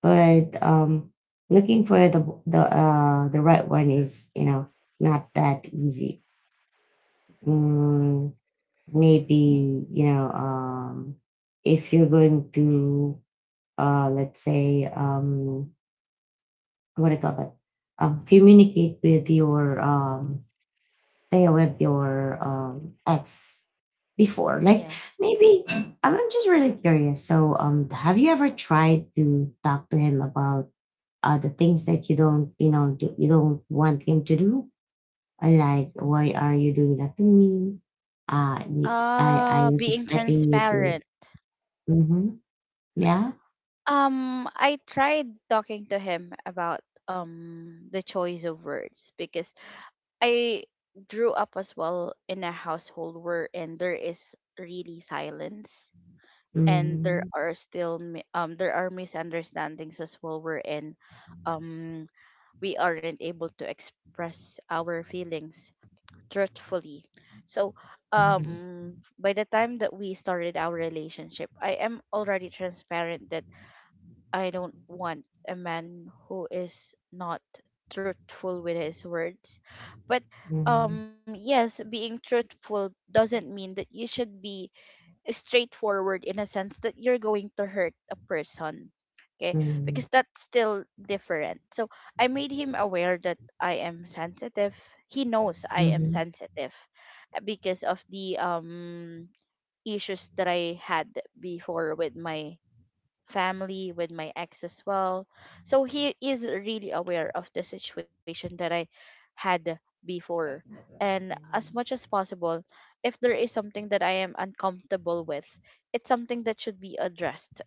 [SPEAKER 1] but looking for the the right one is, you know, not that easy. Mm, maybe if you're going to, let's say, what do you call that? Communicate with your tayo, with your ex before. Like
[SPEAKER 2] Yes.
[SPEAKER 1] maybe I'm just really curious. So, have you ever tried to talk to him about the things that you don't, you know, do, you don't want him to do? Like, why are you doing that to me? I was
[SPEAKER 2] Being
[SPEAKER 1] expecting you to.
[SPEAKER 2] transparent.
[SPEAKER 1] Mm-hmm. Yeah.
[SPEAKER 2] I tried talking to him about the choice of words, because I grew up as well in a household where and there is really silence, and there
[SPEAKER 1] Mm-hmm.
[SPEAKER 2] are still there are misunderstandings as well wherein um we aren't able to express our feelings truthfully. So
[SPEAKER 1] Mm-hmm.
[SPEAKER 2] by the time that we started our relationship, I am already transparent that I don't want a man who is not truthful with his words. But
[SPEAKER 1] Mm-hmm.
[SPEAKER 2] yes, being truthful doesn't mean that you should be straightforward in a sense that you're going to hurt a person. Okay?
[SPEAKER 1] Mm-hmm.
[SPEAKER 2] Because that's still different. So I made him aware that I am sensitive. He knows I am
[SPEAKER 1] Mm-hmm.
[SPEAKER 2] sensitive, because of the issues that I had before with my family, with my ex as well. So he is really aware of the situation that I had before. And as much as possible, if there is something that I am uncomfortable with, it's something that should be addressed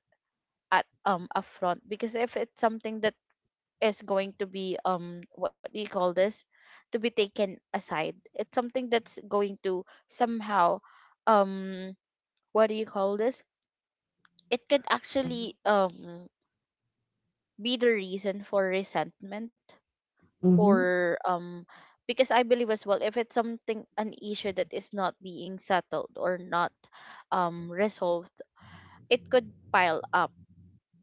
[SPEAKER 2] at upfront. Because if it's something that is going to be what do you call this to be taken aside, it's something that's going to somehow um what do you call this it could actually be the reason for resentment,
[SPEAKER 1] Mm-hmm.
[SPEAKER 2] or because I believe as well, if it's something an issue that is not being settled or not resolved, it could pile up.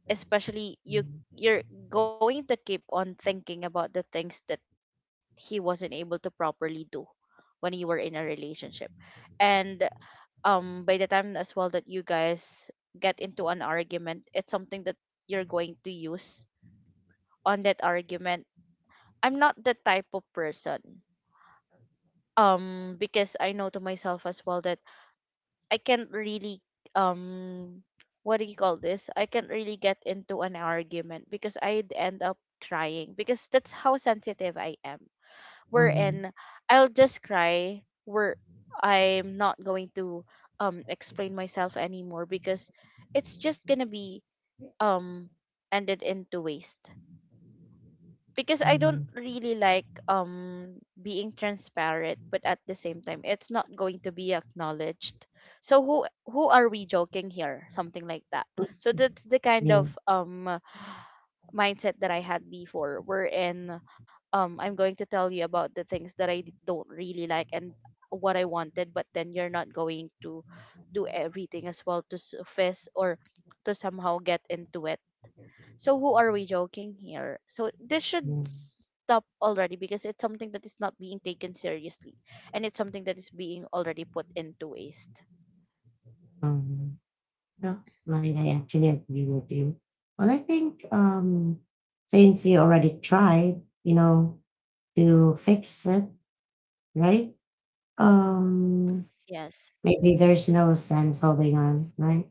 [SPEAKER 2] Especially you're going to keep on thinking about the things that he wasn't able to properly do when you were in a relationship, and by the time as well that you guys get into an argument, it's something that you're going to use on that argument. I'm not the type of person. Because I know to myself as well that I can't really um what do you call this? I can't really get into an argument because I'd end up crying, because that's how sensitive I am.
[SPEAKER 1] Mm-hmm.
[SPEAKER 2] Wherein I'll just cry, where I'm not going to explain myself anymore, because it's just gonna be um ended into waste, because I don't really like being transparent, but at the same time, it's not going to be acknowledged. So who are we joking here? Something like that. So that's the kind
[SPEAKER 1] Yeah,
[SPEAKER 2] of mindset that I had before, wherein I'm going to tell you about the things that I don't really like and what I wanted, but then you're not going to do everything as well to fess or to somehow get into it, so who are we joking here? So this should
[SPEAKER 1] yeah.
[SPEAKER 2] stop already, because it's something that is not being taken seriously and it's something that is being already put into waste.
[SPEAKER 1] Um, no, I actually agree with you. Well, I think since you already tried, you know, to fix it, right? Um,
[SPEAKER 2] Yes.
[SPEAKER 1] Maybe there's no sense holding on, right?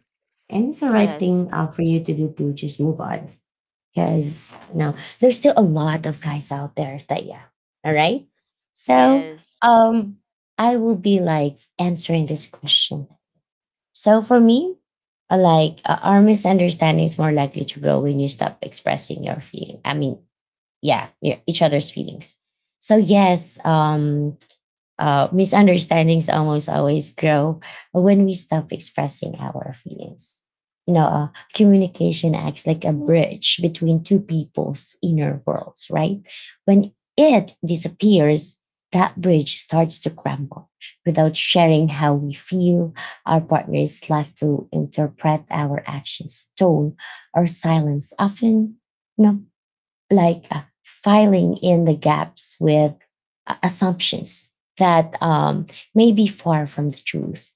[SPEAKER 1] And it's the right
[SPEAKER 2] Yes.
[SPEAKER 1] thing for you to do to just move on. Because no, there's still a lot of guys out there that yeah. All right. So
[SPEAKER 2] Yes.
[SPEAKER 1] um I will be like answering this question. So for me, our misunderstanding is more likely to grow when you stop expressing your feeling. I mean, yeah, each other's feelings. So yes, misunderstandings almost always grow when we stop expressing our feelings. You know, communication acts like a bridge between two people's inner worlds, right? When it disappears, that bridge starts to crumble. Without sharing how we feel, our partner is left to interpret our actions, tone, or silence, often you know, like filing in the gaps with assumptions that may be far from the truth,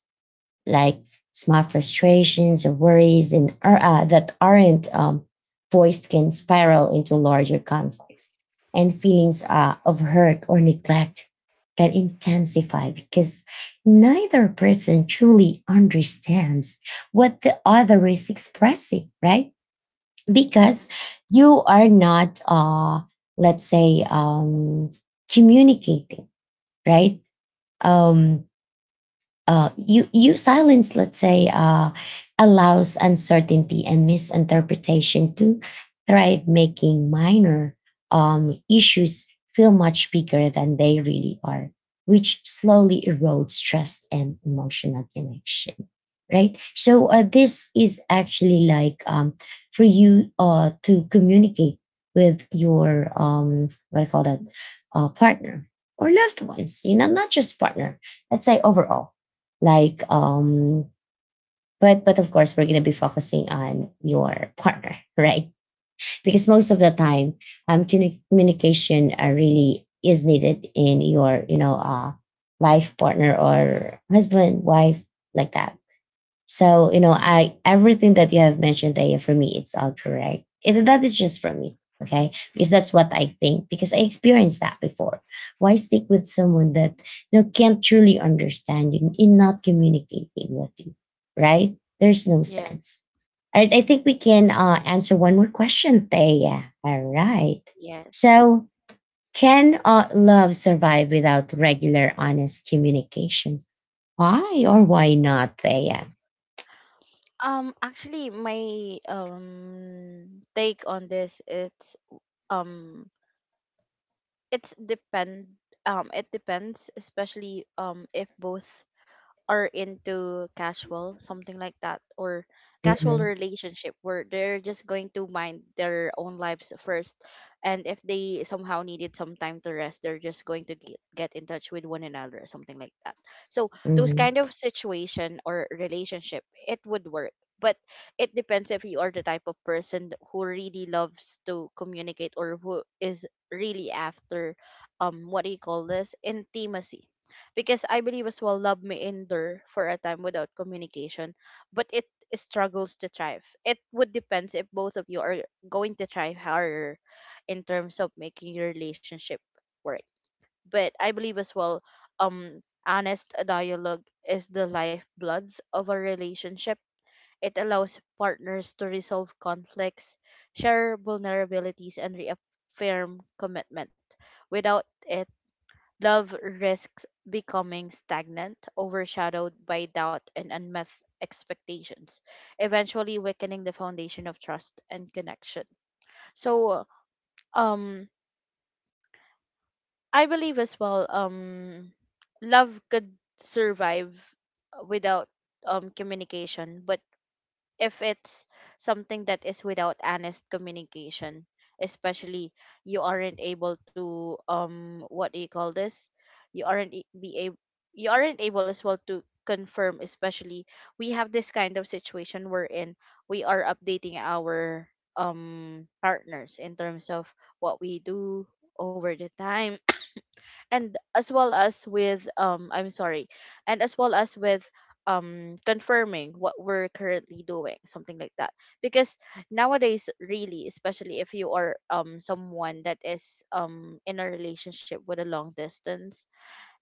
[SPEAKER 1] like small frustrations or worries and, that aren't voiced can spiral into larger conflicts. And feelings of hurt or neglect can intensify because neither person truly understands what the other is expressing, right? Because
[SPEAKER 2] Yes.
[SPEAKER 1] you are not let's say communicating, right? um you silence, let's say, allows uncertainty and misinterpretation to thrive, making minor issues feel much bigger than they really are, which slowly erodes trust and emotional connection, right? So this is actually like for you to communicate with your what I call that partner or loved ones, you know, not just partner, let's say overall, like um but of course we're going to be focusing on your partner right? Because most of the time communication really is needed in your you know life partner or husband wife, like that. So, you know, I everything that you have mentioned there for me, it's all correct. And that is just for me. Okay. Because that's what I think, because I experienced that before. Why stick with someone that you know can't truly understand you in not communicating with you? Right? There's no
[SPEAKER 2] Yes.
[SPEAKER 1] sense. All right. I think we can answer one more question, Thea. All right.
[SPEAKER 2] Yes.
[SPEAKER 1] So can love survive without regular honest communication? Why or why not, Thea?
[SPEAKER 2] Actually, my take on this, um it's depend it depends, especially if both are into casual, something like that, or casual relationship where they're just going to mind their own lives first. And if they somehow needed some time to rest, they're just going to get in touch with one another, something like that. So those
[SPEAKER 1] Mhm.
[SPEAKER 2] kind of situation or relationship, it would work. But it depends if you are the type of person who really loves to communicate, or who is really after what do you call this intimacy, because I believe as well love may endure for a time without communication, but it struggles to thrive. It would depends if both of you are going to try harder in terms of making your relationship work. But I believe as well, honest dialogue is the lifeblood of a relationship. It allows partners to resolve conflicts, share vulnerabilities, and reaffirm commitment. Without it, love risks becoming stagnant, overshadowed by doubt and unmet expectations, eventually weakening the foundation of trust and connection. So, um, I believe as well, love could survive without communication, but if it's something that is without honest communication, especially you aren't able to what do you call this you aren't e- be able you aren't able as well to confirm. Especially, we have this kind of situation wherein we are updating our partners in terms of what we do over the time, and as well as with and as well as with confirming what we're currently doing, something like that. Because nowadays, really, especially if you are someone that is in a relationship with a long distance,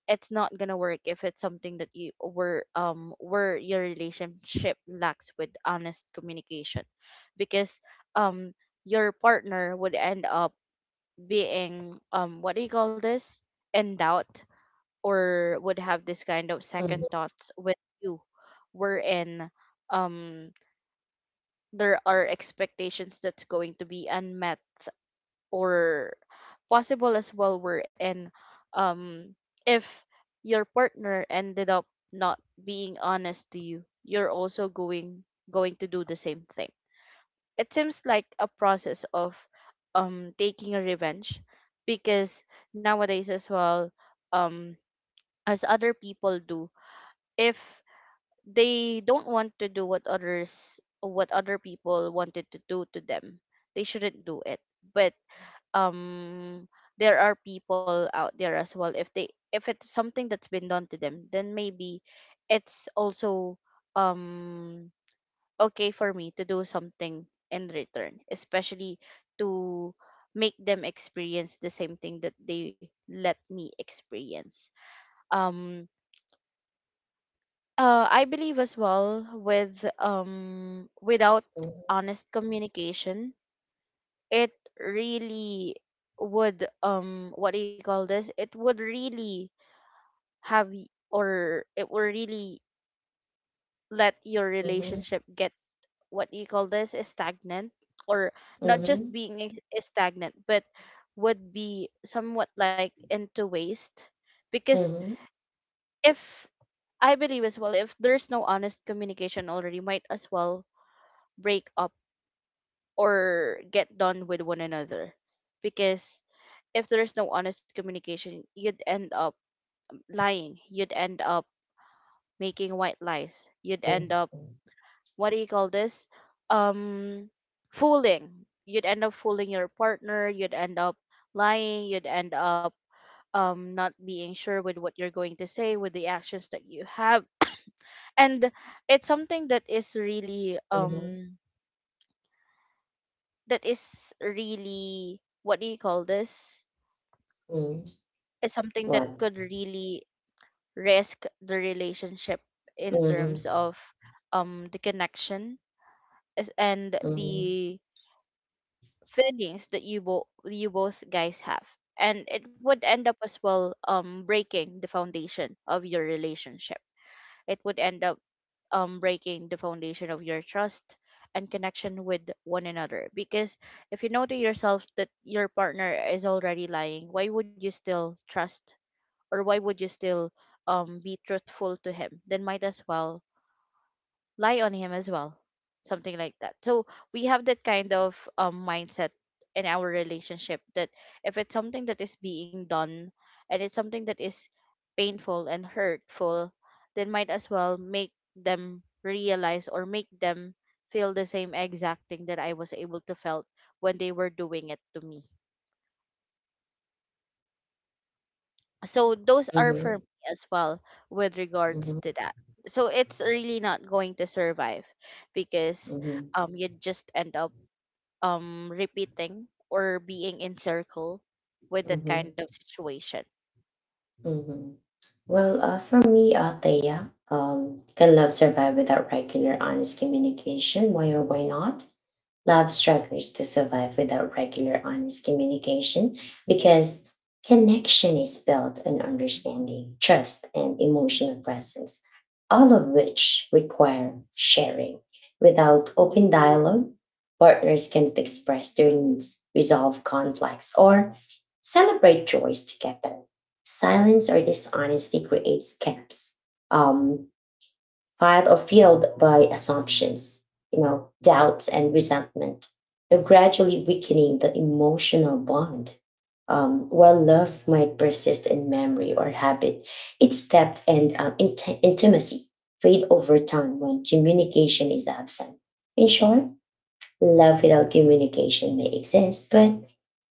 [SPEAKER 2] it's not gonna work if it's something that you were where your relationship lacks with honest communication, because um your partner would end up being what do you call this in doubt, or would have this kind of
[SPEAKER 1] Mhm,
[SPEAKER 2] second thoughts with you, wherein um there are expectations that's going to be unmet, or possible as well wherein um if your partner ended up not being honest to you, you're also going to do the same thing. It seems like a process of taking a revenge, because nowadays as well, um as other people do, if they don't want to do what other people wanted to do to them, they shouldn't do it. But um there are people out there as well, if it's something that's been done to them, then maybe it's also um okay for me to do something in return, especially to make them experience the same thing that they let me experience. um I believe as well without honest communication, it really would what do you call this? It would really have y- or it will really let your
[SPEAKER 1] mhm,
[SPEAKER 2] relationship get what do you call this is stagnant, or not just
[SPEAKER 1] mhm,
[SPEAKER 2] being is stagnant but would be somewhat like into waste. Because
[SPEAKER 1] mhm,
[SPEAKER 2] if I believe as well, if there's no honest communication, already might as well break up or get done with one another. Because if there's no honest communication, you'd end up lying, you'd end up making white lies, you'd end up
[SPEAKER 1] mhm,
[SPEAKER 2] what do you call this um fooling. You'd end up fooling your partner, you'd end up lying, you'd end up not being sure with what you're going to say, with the actions that you have. And it's something that is really,
[SPEAKER 1] mhm,
[SPEAKER 2] what do you call this
[SPEAKER 1] mhm.
[SPEAKER 2] is something that
[SPEAKER 1] What?
[SPEAKER 2] could really risk the relationship in
[SPEAKER 1] Mhm,
[SPEAKER 2] terms of the connection, and
[SPEAKER 1] mhm,
[SPEAKER 2] the feelings that you both guys have. And it would end up as well breaking the foundation of your relationship. It would end up breaking the foundation of your trust and connection with one another. Because if you know to yourself that your partner is already lying, why would you still trust, or why would you still be truthful to him? Then might as well lie on him as well, something like that. So we have that kind of mindset in our relationship, that if it's something that is being done, and it's something that is painful and hurtful, then might as well make them realize, or make them feel the same exact thing that I was able to felt when they were doing it to me. So those are for
[SPEAKER 1] mhm,
[SPEAKER 2] me as well with regards
[SPEAKER 1] mhm,
[SPEAKER 2] to that. So it's really not going to survive, because
[SPEAKER 1] mhm,
[SPEAKER 2] you just end up repeating, or being in circle with that
[SPEAKER 1] mhm,
[SPEAKER 2] kind of situation.
[SPEAKER 1] mhm. Well, for me, Thea, can love survive without regular, honest communication? Why or why not? Love struggles to survive without regular, honest communication because connection is built on understanding, trust, and emotional presence, all of which require sharing. Without open dialogue, partners can't express their needs, resolve conflicts, or celebrate joys together. Silence or dishonesty creates gaps, um, fired or fueled by assumptions, you know, doubts and resentment, they're gradually weakening the emotional bond. While love might persist in memory or habit, its depth and intimacy fade over time when communication is absent. In short, love without communication may exist, but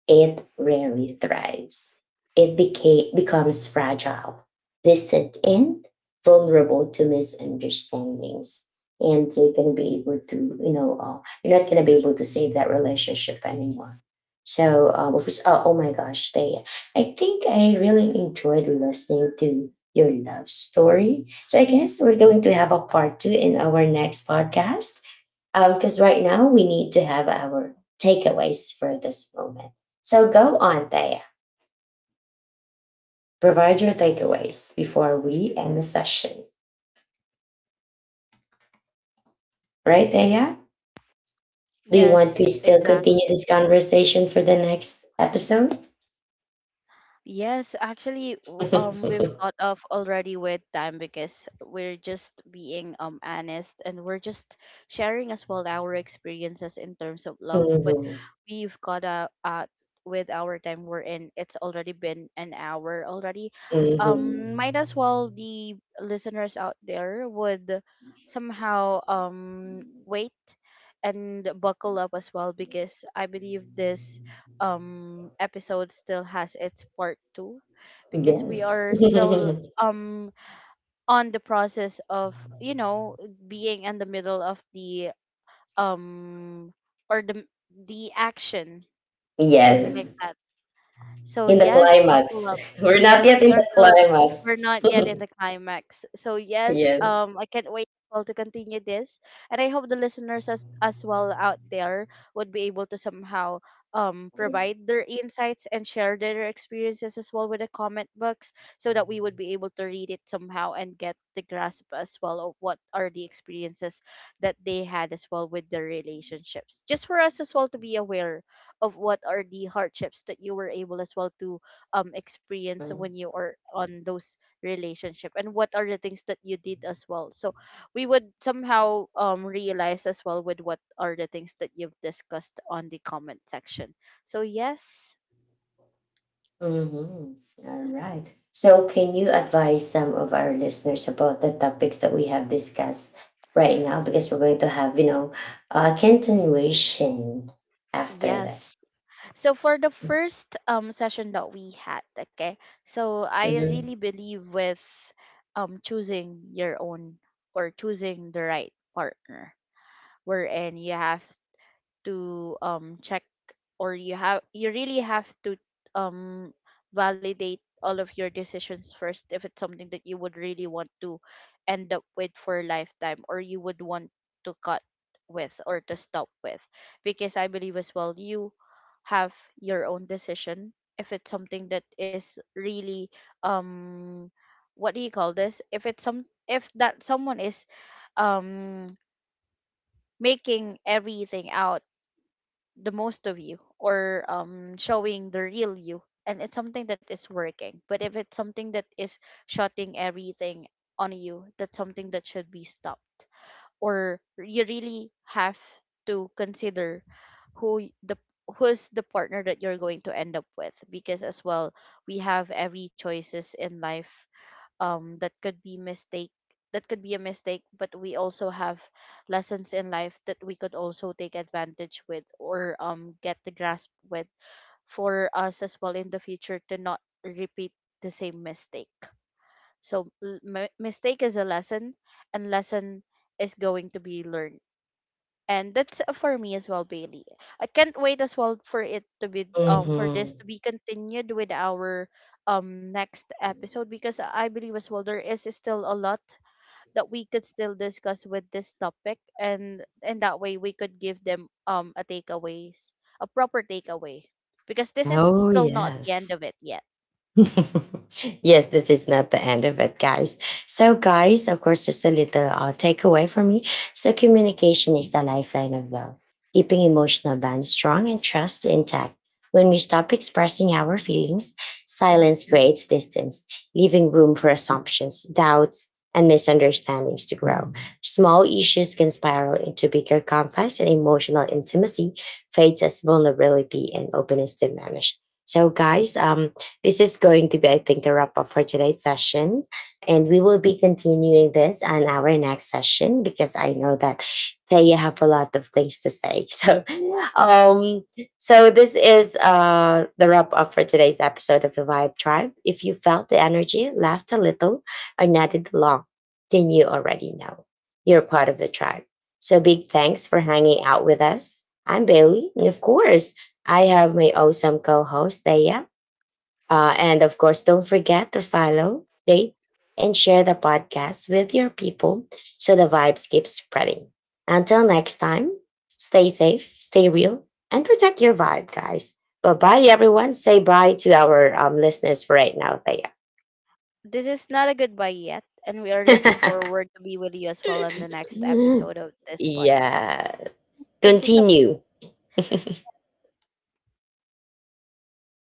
[SPEAKER 1] it rarely thrives. It becomes fragile, distant, and vulnerable to misunderstandings. And you're gonna be able to, you know, uh, you're not gonna be able to save that relationship anymore. So, of course- oh, oh my gosh, they, I think I really enjoyed listening to your love story. So I guess we're going to have a part two in our next podcast because right now we need to have our takeaways for this moment. So go on, Thea. Provide your takeaways before we end the session. Right, Thea? Do you
[SPEAKER 2] Yes,
[SPEAKER 1] want to still
[SPEAKER 2] exactly.
[SPEAKER 1] continue this conversation for the next episode?
[SPEAKER 2] Yes, actually, we've caught off already with time, because we're just being honest, and we're just sharing as well our experiences in terms of love. But
[SPEAKER 1] Mhm.
[SPEAKER 2] we've caught out, with our time we're in. It's already been an hour already.
[SPEAKER 1] Mhm.
[SPEAKER 2] Might as well the listeners out there would somehow wait and buckle up as well, because I believe this episode still has its part 2, because we
[SPEAKER 1] Yes.
[SPEAKER 2] are still on the process of, being in the middle of the um or the the action, something like
[SPEAKER 1] Yes.
[SPEAKER 2] that. So
[SPEAKER 1] In the
[SPEAKER 2] yes, buckle
[SPEAKER 1] climax.
[SPEAKER 2] up.
[SPEAKER 1] We're not
[SPEAKER 2] Yes,
[SPEAKER 1] yet
[SPEAKER 2] we
[SPEAKER 1] in
[SPEAKER 2] are
[SPEAKER 1] the
[SPEAKER 2] still
[SPEAKER 1] climax.
[SPEAKER 2] we're not yet in the climax. So yes,
[SPEAKER 1] Yes.
[SPEAKER 2] I can't wait well to continue this. And I hope the listeners as well out there would be able to somehow provide their insights and share their experiences as well with the comment box, so that we would be able to read it somehow and get the grasp as well of what are the experiences that they had as well with their relationships. Just for us as well to be aware of what are the hardships that you were able as well to experience when you are on those relationship, and what are the things that you did as well, so we would somehow realize as well with what are the things that you've discussed on the comment section. So yes.
[SPEAKER 1] Mm-hmm. All right. So, can you advise some of our listeners about the topics that we have discussed right now? Because we're going to have, you know, a continuation after this.
[SPEAKER 2] Yes, so for the first session that we had, okay, so I really
[SPEAKER 1] Mm-hmm.
[SPEAKER 2] believe with choosing your own, or choosing the right partner, wherein you have to check, or you really have to um validate all of your decisions first, if it's something that you would really want to end up with for a lifetime, or you would want to cut with, or to stop with. Because I believe as well, you have your own decision, if it's something that is really, um what do you call this if that someone is um making everything out the most of you, or showing the real you, and it's something that is working. But if it's something that is shutting everything on you, that's something that should be stopped, or you really have to consider who y- the who's the partner that you're going to end up with. Because as well, we have every choices in life, that could be mistake, that could be a mistake. But we also have lessons in life that we could also take advantage with, or get the grasp with, for us as well in the future to not repeat the same mistake. So mistake is a lesson, and lesson is going to be learned. And that's, for me as well, Bailey, I can't wait as well for it to be,
[SPEAKER 1] Mm-hmm.
[SPEAKER 2] continued with our next episode, because I believe as well there is still a lot that we could still discuss with this topic, and that way we could give them, a proper takeaway, because this is
[SPEAKER 1] Oh,
[SPEAKER 2] still not the end
[SPEAKER 1] yes.
[SPEAKER 2] of it yet.
[SPEAKER 1] Yes, this is not the end of it, guys. So, guys, of course, just a little takeaway for me. So, communication is the lifeline of love, keeping emotional bonds strong and trust intact. When we stop expressing our feelings, silence creates distance, leaving room for assumptions, doubts, and misunderstandings to grow. Small issues can spiral into bigger conflicts, and emotional intimacy fades as vulnerability and openness diminish. So, guys, this is going to be, I think, the wrap up for today's session. And we will be continuing this on our next session because I know that they have a lot of things to say. So, um, so this is the wrap up for today's episode of the Vibe Tribe. If you felt the energy, laughed a little, or nodded along, then you already know you're part of the tribe. So big thanks for hanging out with us. I'm Bailey, and of course, I have my awesome co-host Thea. And of course, don't forget to follow, rate, and share the podcast with your people so the vibes keep spreading. Until next time, stay safe, stay real, and protect your vibe, guys. Bye bye, everyone. Say bye to our listeners for right now, Thea.
[SPEAKER 2] This is not a goodbye yet, and we are looking forward to be with you as well on the next episode of this pod.
[SPEAKER 1] Yeah.
[SPEAKER 2] Thank you so
[SPEAKER 1] Continue.